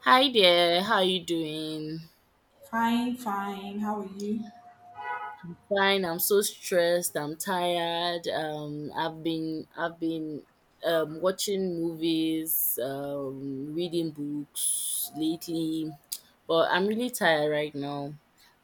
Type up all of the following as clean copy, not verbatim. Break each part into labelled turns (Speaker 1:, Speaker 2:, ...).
Speaker 1: Hi there, how you doing?
Speaker 2: Fine, fine. How are you?
Speaker 1: Fine, I'm so stressed, I'm tired. I've been watching movies, reading books lately, but I'm really tired right now.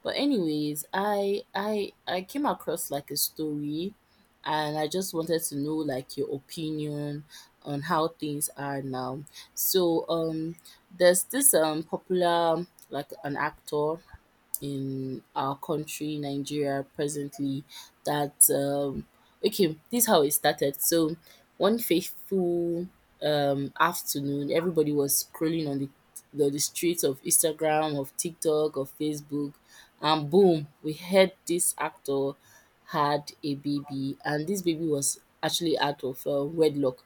Speaker 1: But anyways, I came across like a story and I just wanted to know like your opinion on how things are now. So there's this popular like an actor in our country, Nigeria, presently that okay, this is how it started. So one faithful afternoon, everybody was scrolling on the streets of Instagram, of TikTok, of Facebook, and boom, we heard this actor had a baby, and this baby was actually out of wedlock,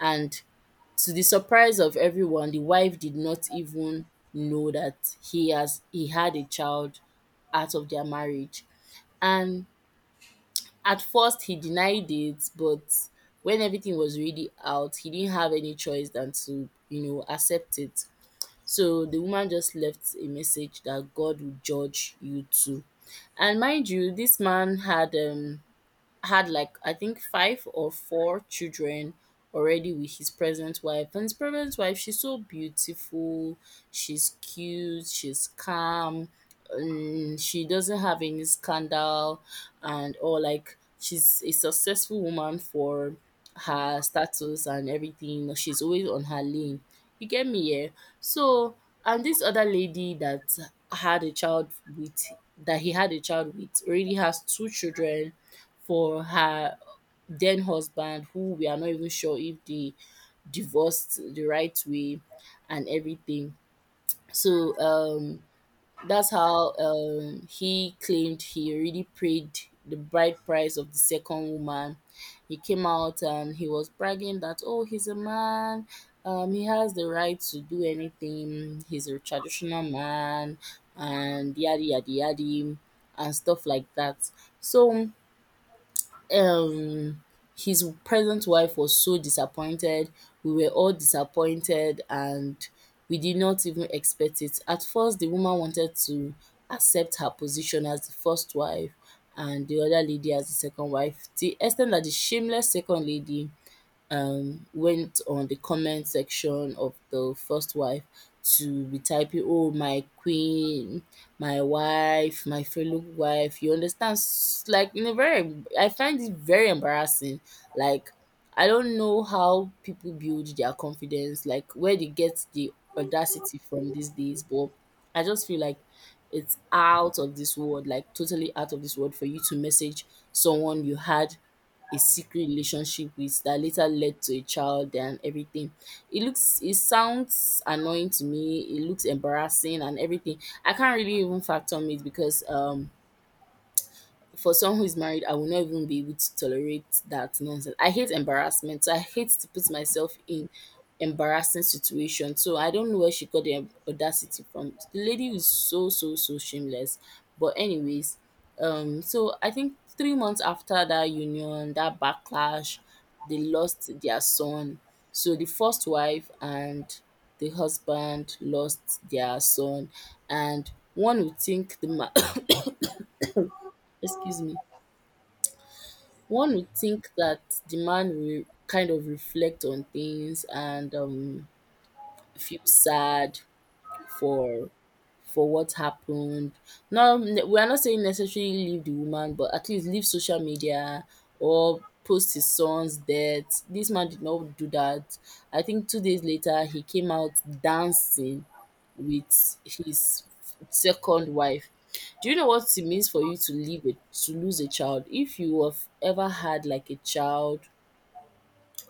Speaker 1: and to the surprise of everyone, the wife did not even know that he had a child out of their marriage. And at first he denied it, but when everything was really out, he didn't have any choice than to, you know, accept it. So the woman just left a message that God will judge you too. And mind you, this man had like I think five or four children already with his present wife. And his present wife, she's so beautiful, she's cute, she's calm, she doesn't have any scandal and or like she's a successful woman for her status and everything. She's always on her lane. You get me, yeah? So and this other lady had a child with that he had a child with already has two children for her then husband who we are not even sure if they divorced the right way and everything. So that's how he claimed he already paid the bride price of the second woman. He came out and he was bragging that oh, he's a man, he has the right to do anything, he's a traditional man and yada yada yada and stuff like that. So um his present wife was so disappointed. We were all disappointed and we did not even expect it. At first, the woman wanted to accept her position as the first wife and the other lady as the second wife, to the extent that the shameless second lady went on the comment section of the first wife to be typing, oh, my queen, my wife, my fellow wife. You understand? Like, in a very, I find it very embarrassing. Like, I don't know how people build their confidence, like, where they get the audacity from these days, but I just feel like it's out of this world, like, totally out of this world for you to message someone you had a secret relationship with that later led to a child and everything. It looks it sounds annoying to me, it looks embarrassing and everything. I can't really even fathom it because for someone who is married, I will not even be able to tolerate that nonsense. I hate embarrassment. So I hate to put myself in embarrassing situation. So I don't know where she got the audacity from. The lady is so so so shameless. But anyways, I think 3 months after that union, that backlash, they lost their son. So the first wife and the husband lost their son, and one would think excuse me, one would think that the man will kind of reflect on things and, feel sad for for what happened. Now, we are not saying necessarily leave the woman, but at least leave social media or post his son's death. This man did not do that. I think 2 days later, he came out dancing with his second wife. Do you know what it means for you to leave it to lose a child? If you have ever had like a child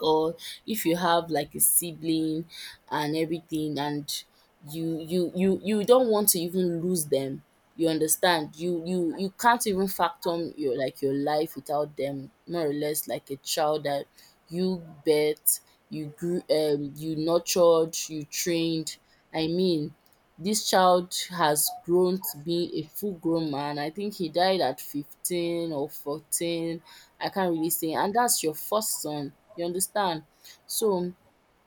Speaker 1: or if you have like a sibling and everything, and you don't want to even lose them, you understand, you can't even factor your like your life without them, more or less like a child that you bet you grew, you nurtured, you trained, I mean, this child has grown to be a full grown man, I think he died at 15 or 14, I can't really say, and that's your first son, you understand? So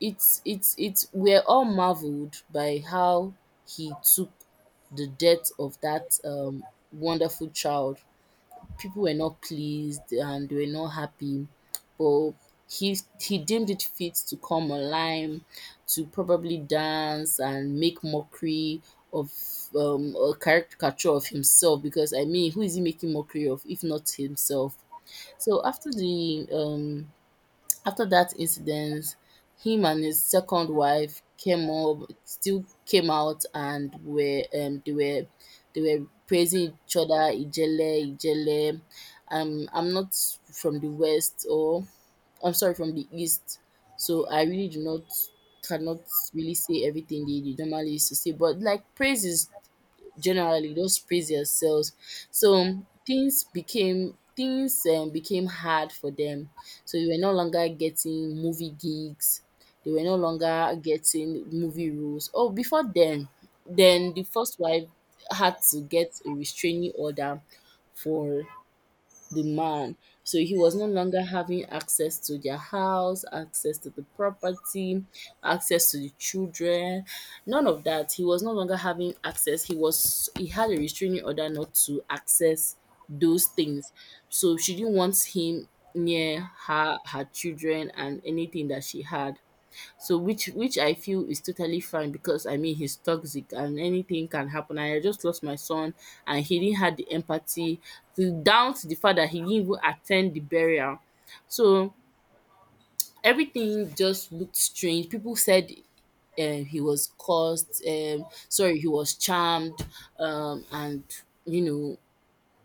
Speaker 1: it's we're all marveled by how he took the death of that wonderful child. People were not pleased and they were not happy, but he deemed it fit to come online to probably dance and make mockery of, a caricature of himself, because I mean, who is he making mockery of if not himself? So after the um after that incident, him and his second wife came up still came out and were they were they were praising each other, Ijele, Ijele. I'm not from the west, or I'm sorry, from the east. So I really do not cannot really say everything they normally used to say. But like praise is generally those previous yourselves. So things became hard for them, so they were no longer getting movie gigs, they were no longer getting movie roles. Oh, before then the first wife had to get a restraining order for the man. So he was no longer having access to their house, access to the property, access to the children, none of that. He was no longer having access. He had a restraining order not to access those things. So she didn't want him near her children and anything that she had. So which I feel is totally fine, because I mean he's toxic and anything can happen. And I just lost my son and he didn't have the empathy, to down to the fact that he didn't even attend the burial. So everything just looked strange. People said, he was caused, sorry, he was charmed, and you know,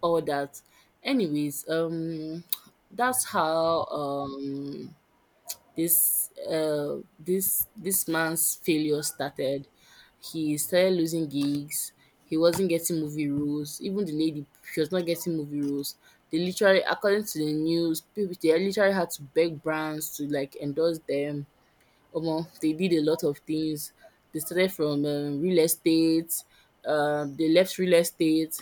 Speaker 1: all that anyways, that's how, this man's failure started. He started losing gigs. He wasn't getting movie roles. Even the lady, she was not getting movie roles. They literally, according to the news, people, they literally had to beg brands to like endorse them. Omo, they did a lot of things. They started from, real estate. They left real estate.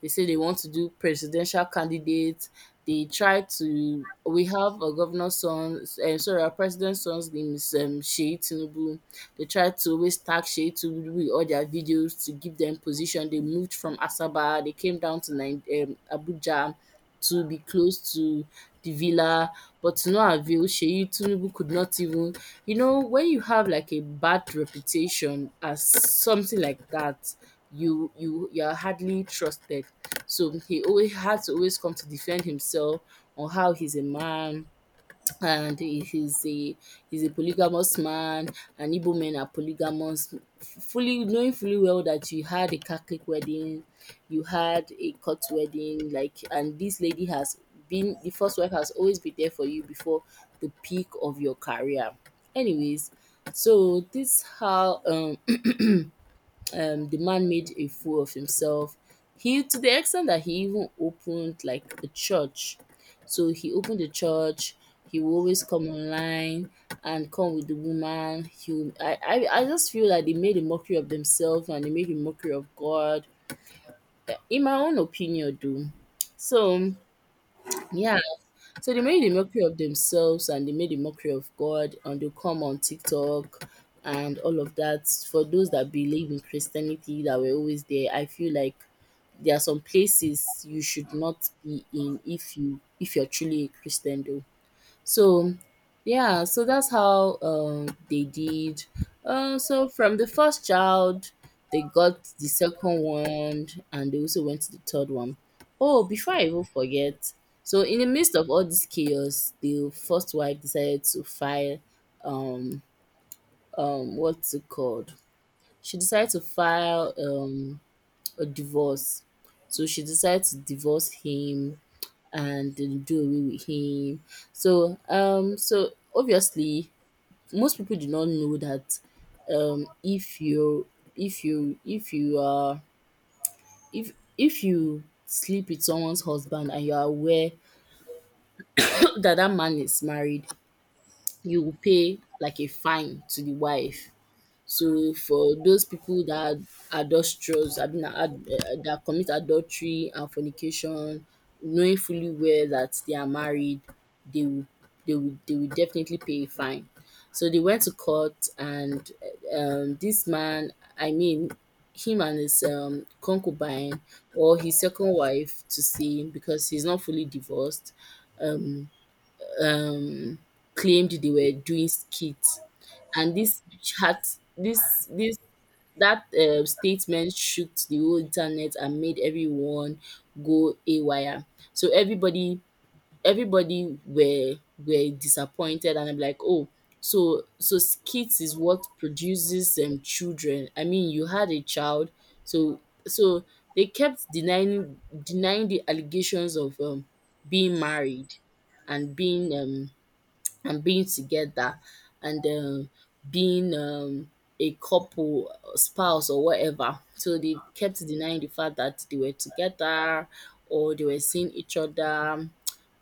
Speaker 1: They say they want to do presidential candidates. They tried to. We have a governor's son. Sorry, our president's son's name is, Shei Tinubu. They tried to always tag Shei Tinubu with all their videos to give them position. They moved from Asaba. They came down to Abuja to be close to the villa, but to no avail, Seyi Tinubu could not even, you know, when you have like a bad reputation as something like that, you are hardly trusted. So he always had to always come to defend himself on how he's a man, and he's a polygamous man, and Igbo men are polygamous, fully knowing fully well that you had a Catholic wedding, you had a court wedding, like, and this lady has been the first wife has always been there for you before the peak of your career. Anyways, so this how the man made a fool of himself. He, to the extent that he even opened like a church. So he opened the church. He will always come online and come with the woman. He will, I just feel like they made a mockery of themselves and they made a mockery of God. In my own opinion, though. So yeah, so they made a mockery of themselves and they made a mockery of God and they come on TikTok and all of that. For those that believe in Christianity that were always there, I feel like there are some places you should not be in if you if you're truly a Christian though. So yeah, so that's how they did. So from the first child, they got the second one, and they also went to the third one. Oh, before I even forget, so in the midst of all this chaos, the first wife decided to file, um what's it called? She decided to file a divorce. So she decided to divorce him and they do away with him. So obviously most people do not know that um if you if you if you are if if you sleep with someone's husband and you are aware that that man is married, you will pay like a fine to the wife. So for those people that are adulterous, I mean, that commit adultery and fornication, knowing fully well that they are married, they will, they will definitely pay a fine. So they went to court, and this man, I mean, him and his concubine or his second wife to say because he's not fully divorced claimed they were doing skits and this chat this this That, statement shook the whole internet and made everyone go haywire. So everybody were disappointed and I'm like, "Oh, so skits is what produces children. I mean, you had a child." So so they kept denying the allegations of being married and being um and being together and being a couple, spouse, or whatever. So they kept denying the fact that they were together or they were seeing each other.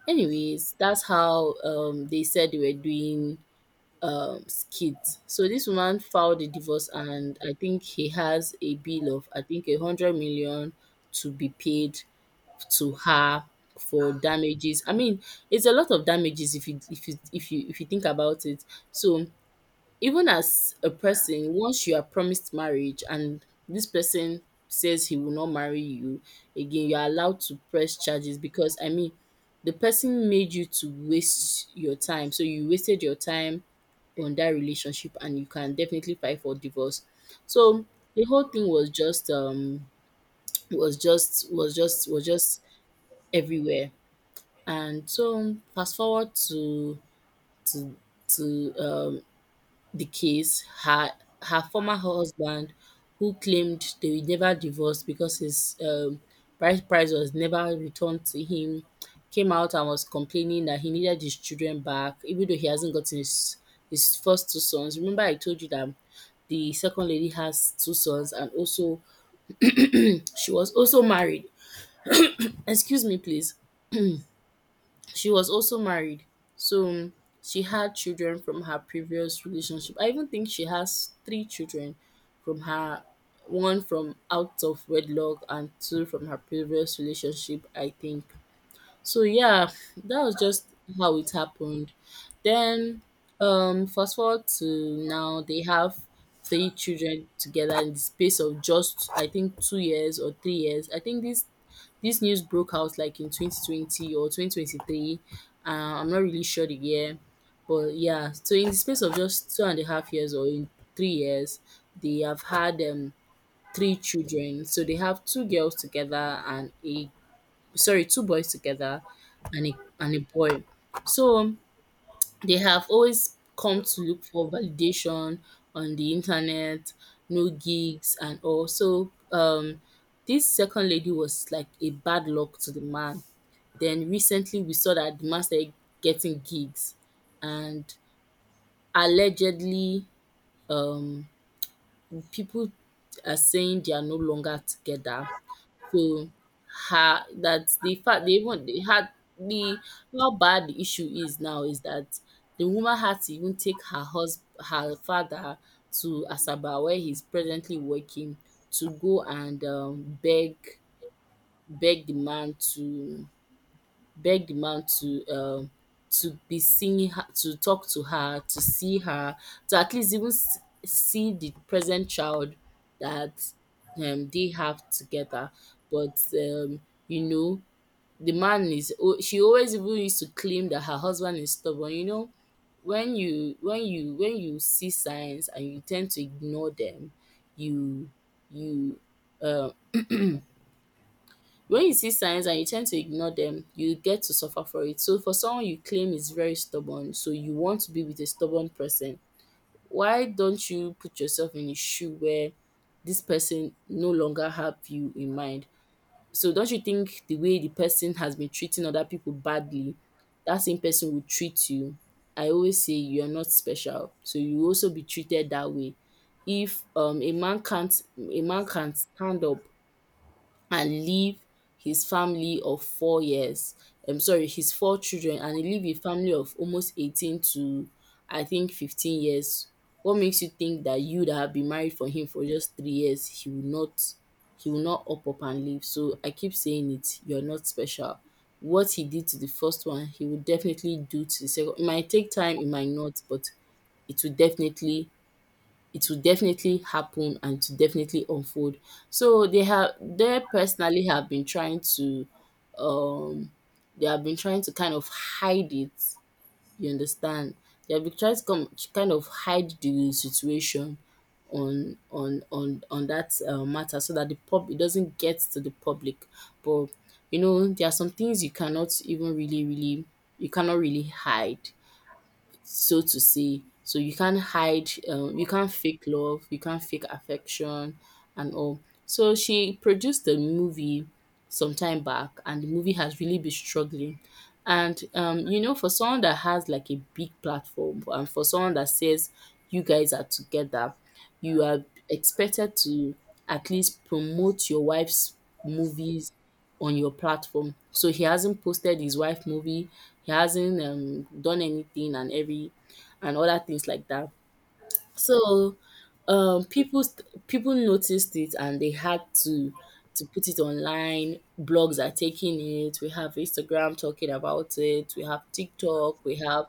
Speaker 1: Anyways, that's how they said they were doing skits. So this woman filed a divorce, and I think he has a bill of I think 100 million to be paid to her for damages. I mean, it's a lot of damages if you think about it. So even as a person, once you are promised marriage and this person says he will not marry you again, you are allowed to press charges because I mean the person made you to waste your time. So you wasted your time on that relationship and you can definitely fight for divorce. So the whole thing was just was just everywhere. And so fast forward to to the case, her former husband who claimed they will never divorce because his bride price was never returned to him came out and was complaining that he needed his children back even though he hasn't gotten his first 2 sons. Remember I told you that the second lady has 2 sons and also she was also married. Excuse me please. She was also married, so she had children from her previous relationship. I even think she has 3 children from her one from out of wedlock and 2 from her previous relationship, I think. So yeah, that was just how it happened. Then fast forward to now they have 3 children together in the space of just I think 2 years or 3 years. I think these this news broke out like in 2020 or 2023. I'm not really sure the year, but yeah. So in the space of just two and a half years or in 3 years, they have had 3 children. So they have two girls together and a sorry two boys together and a boy. So they have always come to look for validation on the internet, no gigs and all. So this second lady was like a bad luck to the man. Then recently we saw that the man started getting gigs and allegedly um people are saying they are no longer together so, her that the fact they even they had the how bad the issue is now is that the woman had to even take her father to Asaba where he's presently working to go and beg the man to begged the man to be seeing her, to talk to her, to see her, to at least even see the present child that they have together. But you know, the man is. O- She always even used to claim that her husband is stubborn. You know, when you see signs and you tend to ignore them, you you um when you see signs and you tend to ignore them, you get to suffer for it. So for someone you claim is very stubborn, so you want to be with a stubborn person, why don't you put yourself in a shoe where this person no longer have you in mind? So don't you think the way the person has been treating other people badly, that same person will treat you? I always say you're not special, so you will also be treated that way. If a man can't stand up and leave his family of 4 years sorry his four children and he leave a family of almost 18 to I think 15 years. What makes you think that you that have been married for him for just 3 years he will not up and leave. So I keep saying it, you're not special. What he did to the first one he will definitely do to the second. It might take time, it might not, but it will definitely it will definitely happen and to definitely unfold. So they personally have been trying to um they have been trying to kind of hide it, you understand? They have been trying to come to kind of hide the situation on that matter so that the pub it doesn't get to the public. But you know, there are some things you cannot even really you cannot really hide so to say. So you can't hide, you can't fake love, you can't fake affection, and all. So she produced the movie some time back, and the movie has really been struggling. And you know, for someone that has like a big platform, and for someone that says you guys are together, you are expected to at least promote your wife's movies on your platform. So he hasn't posted his wife movie, he hasn't done anything and every and other things like that. So people noticed it and they had to put it online. Blogs are taking it. We have Instagram talking about it. We have TikTok. We have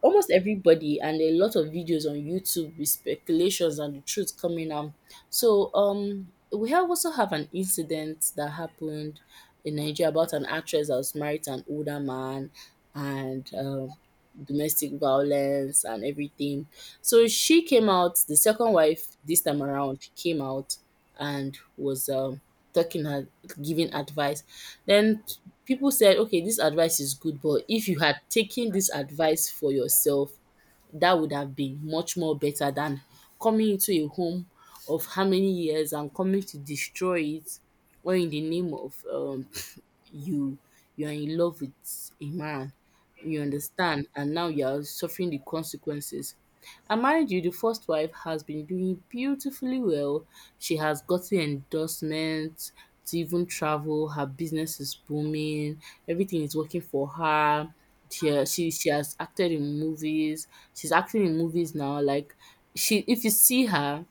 Speaker 1: almost everybody and a lot of videos on YouTube with speculations and the truth coming out. So we have also have an incident that happened in Nigeria about an actress that was married to an older man, and domestic violence and everything. So she came out, the second wife this time around came out and was talking, giving advice. Then people said, okay, this advice is good, but if you had taken this advice for yourself, that would have been much more better than coming into a home of how many years and coming to destroy it or in the name of you you are in love with a man you understand and now you are suffering the consequences and mind you, the first wife has been doing beautifully well. She has gotten endorsements to even travel. Her business is booming. Everything is working for her. She has acted in movies. She's acting in movies now. Like if you see her,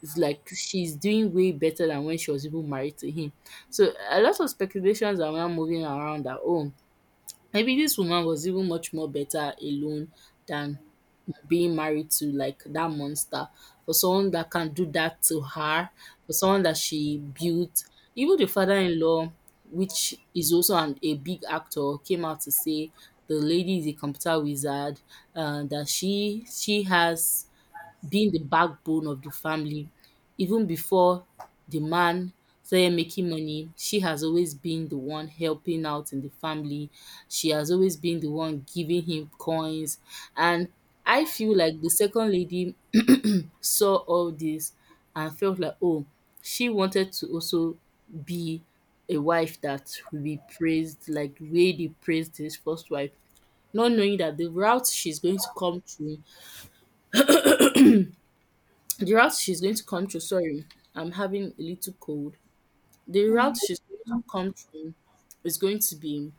Speaker 1: it's like she's doing way better than when she was even married to him. So a lot of speculations are now moving around that oh, maybe this woman was even much more better alone than being married to like that monster, for someone that can do that to her, for someone that she built. Even the father-in-law, which is also a big actor, came out to say the lady is a computer wizard, that she has being the backbone of the family. Even before the man started making money, she has always been the one helping out in the family. She has always been the one giving him coins. And I feel like the second lady saw all this and felt like, oh, she wanted to also be a wife that will be praised like the way they praised this first wife, not knowing that The route she's going to come through, sorry, I'm having a little cold. The route she's going to come through is going to be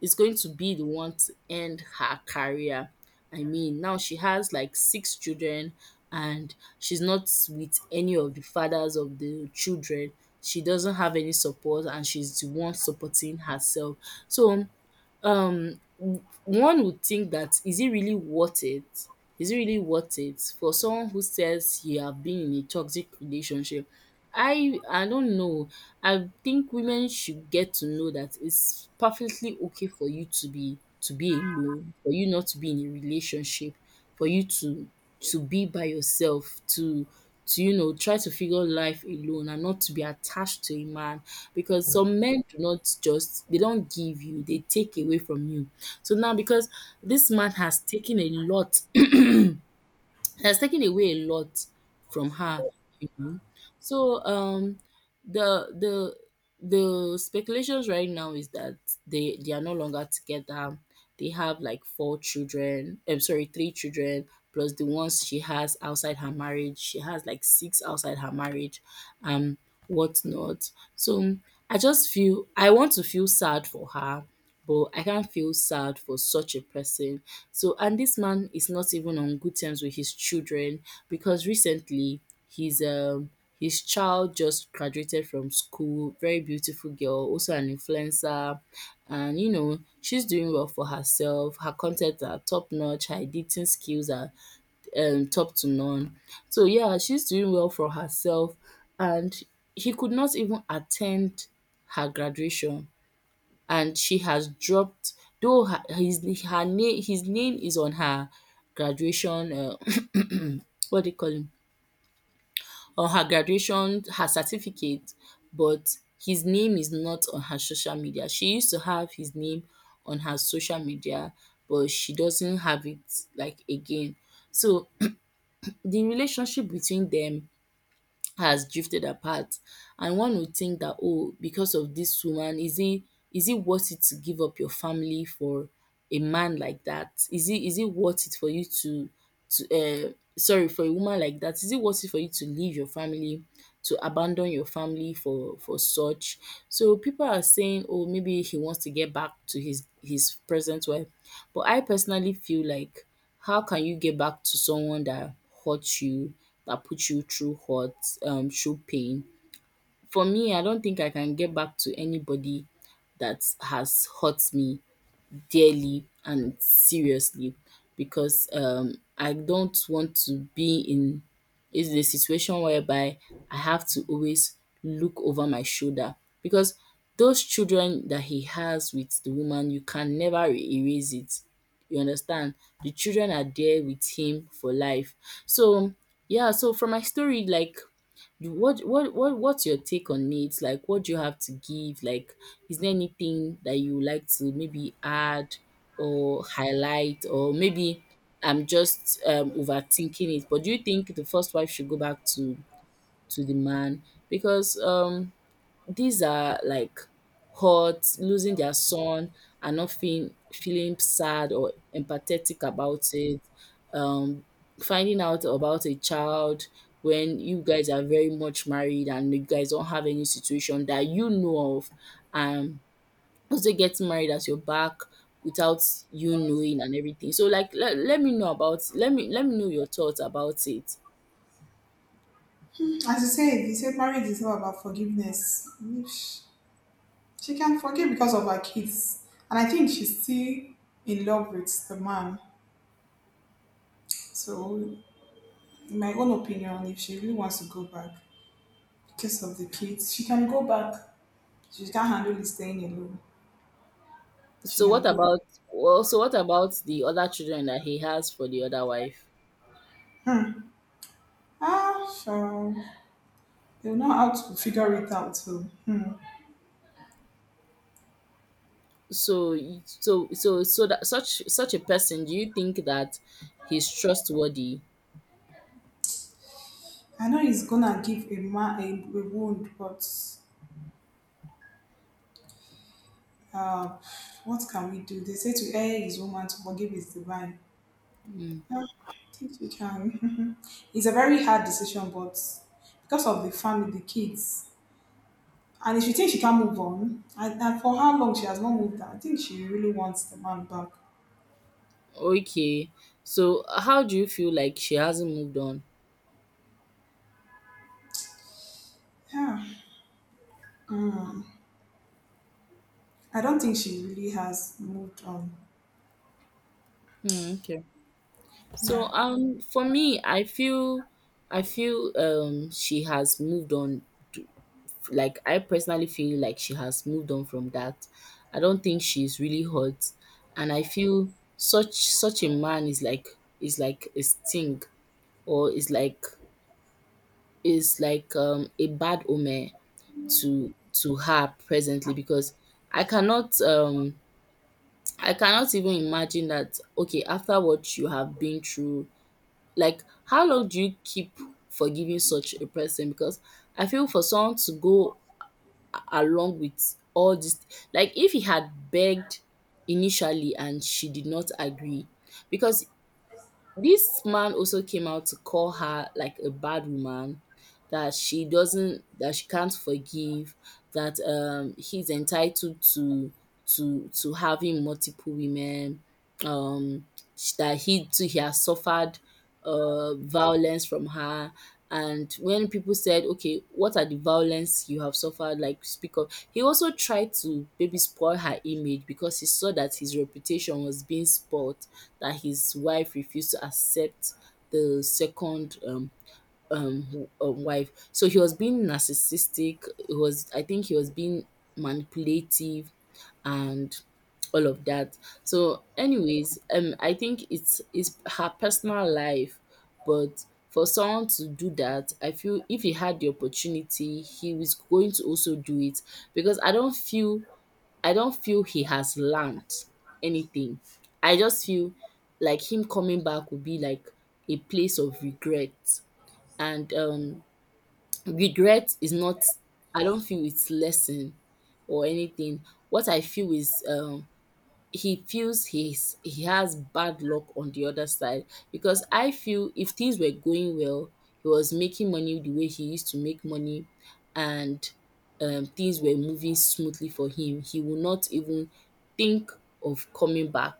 Speaker 1: the one to end her career. I mean, now she has like 6 children and she's not with any of the fathers of the children. She doesn't have any support and she's the one supporting herself. So one would think that is it really worth it? Is it really worth it for someone who says you have been in a toxic relationship? I don't know. I think women should get to know that it's perfectly okay for you to be alone, for you not to be in a relationship, for you to be by yourself, to you know try to figure life alone and not to be attached to a man because some men do not just they don't give you, they take away from you. So now because this man has taken a lot, has taken away a lot from her, you know. So the the the speculations right now is that they are no longer together. They have like 4 children. I'm sorry, 3 children plus the ones she has outside her marriage. She has like six outside her marriage. Um whatnot. So I just feel I want to feel sad for her, but I can't feel sad for such a person. So and this man is not even on good terms with his children because recently his his child just graduated from school, very beautiful girl, also an influencer, and she's doing well for herself. Her content are top notch, her editing skills are top to none. So yeah, she's doing well for herself and he could not even attend her graduation, and she has dropped though her his her name his name is on her graduation what do you call him, on her graduation her certificate, but his name is not on her social media. She used to have his name on her social media but she doesn't have it like again. So the relationship between them has drifted apart, and one would think that, oh, because of this woman, is it, is it worth it to give up your family for a man like that? Is it, is it worth it for you to to uh sorry, for a woman like that, is it worth it for you to leave your family, to abandon your family for such? So people are saying, oh, maybe he wants to get back to his present wife, but I personally feel like, how can you get back to someone that hurt you, that put you through hurt, through pain? For me, I don't think I can get back to anybody that has hurt me dearly and seriously, because I don't want to be in, is the situation whereby I have to always look over my shoulder, because those children that he has with the woman, you can never erase it. You understand? The children are there with him for life. So yeah, so from my story, like, you what what's your take on it? Like, what do you have to give? Like, is there anything that you would like to maybe add or highlight, or maybe I'm just overthinking it? But do you think the first wife should go back to the man? Because these are like hurt, losing their son, and not feeling sad or empathetic about it. Um, finding out about a child when you guys are very much married and you guys don't have any situation that you know of, and also getting married at your back without you knowing and everything. So like, let me know about, let me know your thoughts about it.
Speaker 2: As you said marriage is all about forgiveness. If she can forgive because of her kids. And I think she's still in love with the man. So, in my own opinion, if she really wants to go back because of the kids, she can go back. She can't handle it staying alone. She
Speaker 1: So
Speaker 2: can
Speaker 1: what
Speaker 2: go.
Speaker 1: about, well, so what about the other children that he has for the other wife?
Speaker 2: Ah, sure. They'll know how to figure it out. So, hmm.
Speaker 1: So that, such a person, do you think that he's trustworthy?
Speaker 2: I know it's gonna give a man a wound, but Uh, what can we do? They say to err is human, to forgive is divine. I think we can. It's a very hard decision, but because of the family, the kids, and if she thinks she can move on, and for how long she has not moved on, I think she really wants the man back.
Speaker 1: Okay. So how do you feel like she hasn't moved on?
Speaker 2: Yeah, I don't think she really has moved on.
Speaker 1: Hmm, okay. So
Speaker 2: Yeah.
Speaker 1: for me, I feel, I feel she has moved on to- like I personally feel like she has moved on from that. I don't think she's really hurt, and I feel such a man is like, is like a sting, or is like, is like a bad omen to her presently, because I cannot um I cannot even imagine that, okay, after what you have been through, like how long do you keep forgiving such a person? Because I feel for someone to go along with all this, like if he had begged initially and she did not agree, because this man also came out to call her like a bad woman, that she can't forgive, that he's entitled to having multiple women. Um that he has suffered violence from her, and when people said, okay, what are the violence you have suffered, like speak up, he also tried to maybe spoil her image because he saw that his reputation was being spoiled, that his wife refused to accept the second wife. So he was being narcissistic. It was, I think he was being manipulative and all of that. So anyways, I think it's her personal life, but for someone to do that, I feel if he had the opportunity he was going to also do it, because I don't feel he has learned anything. I just feel like him coming back would be like a place of regret, and regret is not, I don't feel it's lesson or anything. What I feel is, he feels he has bad luck on the other side, because I feel if things were going well, he was making money the way he used to make money, and things were moving smoothly for him, he will not even think of coming back.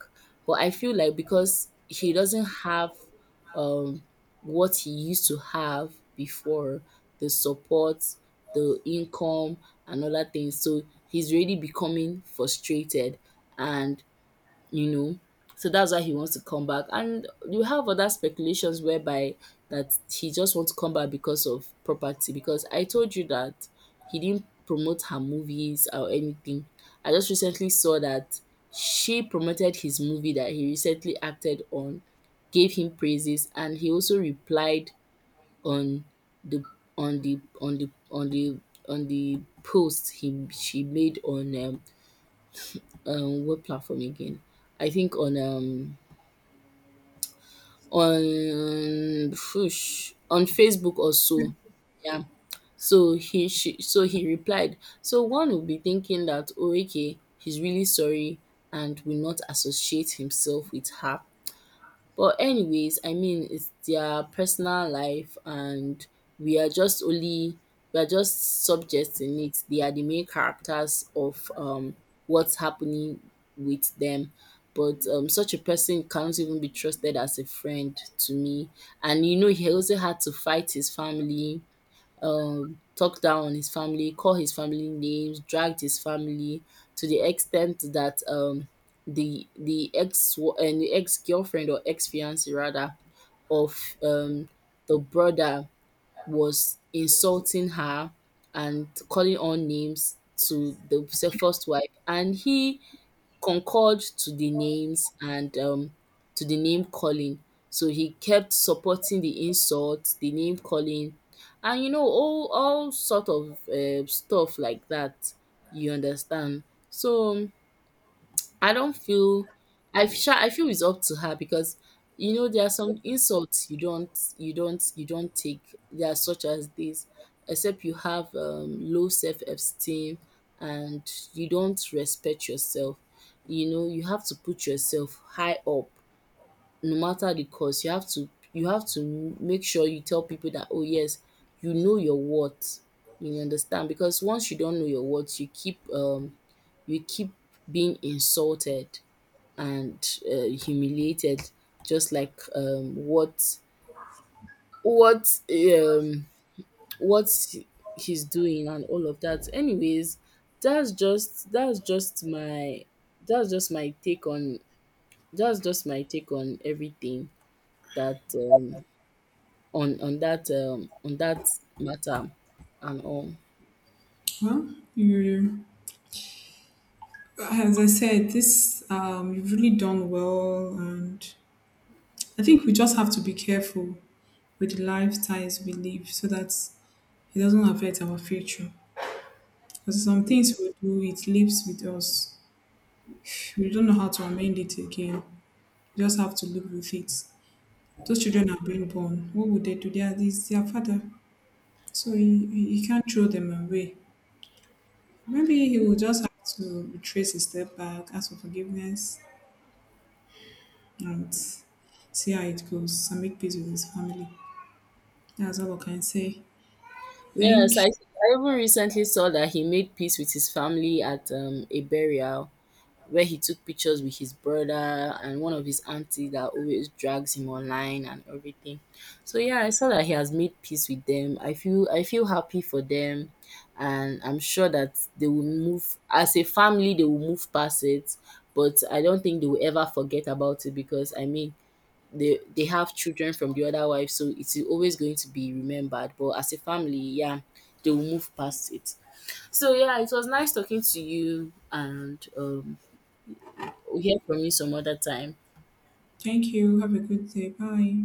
Speaker 1: But I feel like because he doesn't have, um, what he used to have before, the support, the income, and other things, so he's really becoming frustrated, and you know. So that's why he wants to come back. And you have other speculations whereby that he just wants to come back because of property. Because I told you that he didn't promote her movies or anything. I just recently saw that she promoted his movie that he recently acted on, gave him praises, and he also replied on the on the on the on the on the post he she made on what platform again? I think on on Facebook or so. Yeah. So he she so he replied. So one would be thinking that, oh, okay, he's really sorry and will not associate himself with her. But anyways, I mean, it's their personal life, and we are just only we are just subjects in it. They are the main characters of what's happening with them. But such a person cannot even be trusted as a friend to me. And you know, he also had to fight his family, talk down on his family, call his family names, dragged his family to the extent that the ex and the ex girlfriend, or ex fiance rather, of the brother was insulting her and calling on names to the first wife, and he concurred to the names and, to the name calling. So he kept supporting the insults, the name calling, and you know, all sort of stuff like that. You understand? So I don't feel I feel I feel it's up to her because you know there are some insults you don't you don't you don't take. There are such as this, except you have low self esteem and you don't respect yourself. You know you have to put yourself high up no matter the cost. You have to, make sure you tell people that, oh yes, you know your worth. You understand, because once you don't know your worth, you keep you keep being insulted and, humiliated, just like what um, what he's doing and all of that. Anyways, that's just that's just my that's just my take on that's just my take on everything, that on that on that matter and all.
Speaker 2: Well, you, as I said, this you've really done well, and I think we just have to be careful with the lifestyles we live, so that it doesn't affect our future. Because some things we do, it lives with us. We don't know how to amend it again. We just have to live with it. Those children are being born. What would they do? They are this, their father. So he can't throw them away. Maybe he will just have to retrace his step back, ask for forgiveness, and see how it goes and make peace with his family. That's all I can say.
Speaker 1: Yes, I
Speaker 2: Thank,
Speaker 1: even recently saw that he made peace with his family at a burial, where he took pictures with his brother and one of his aunties that always drags him online and everything. So yeah, I saw that he has made peace with them. I feel, happy for them, and I'm sure that they will move as a family, they will move past it, but I don't think they will ever forget about it, because I mean they have children from the other wife, so it's always going to be remembered. But as a family, yeah, they will move past it. So yeah, it was nice talking to you, and we hear from you some other time.
Speaker 2: thank you. Have a good day. Bye.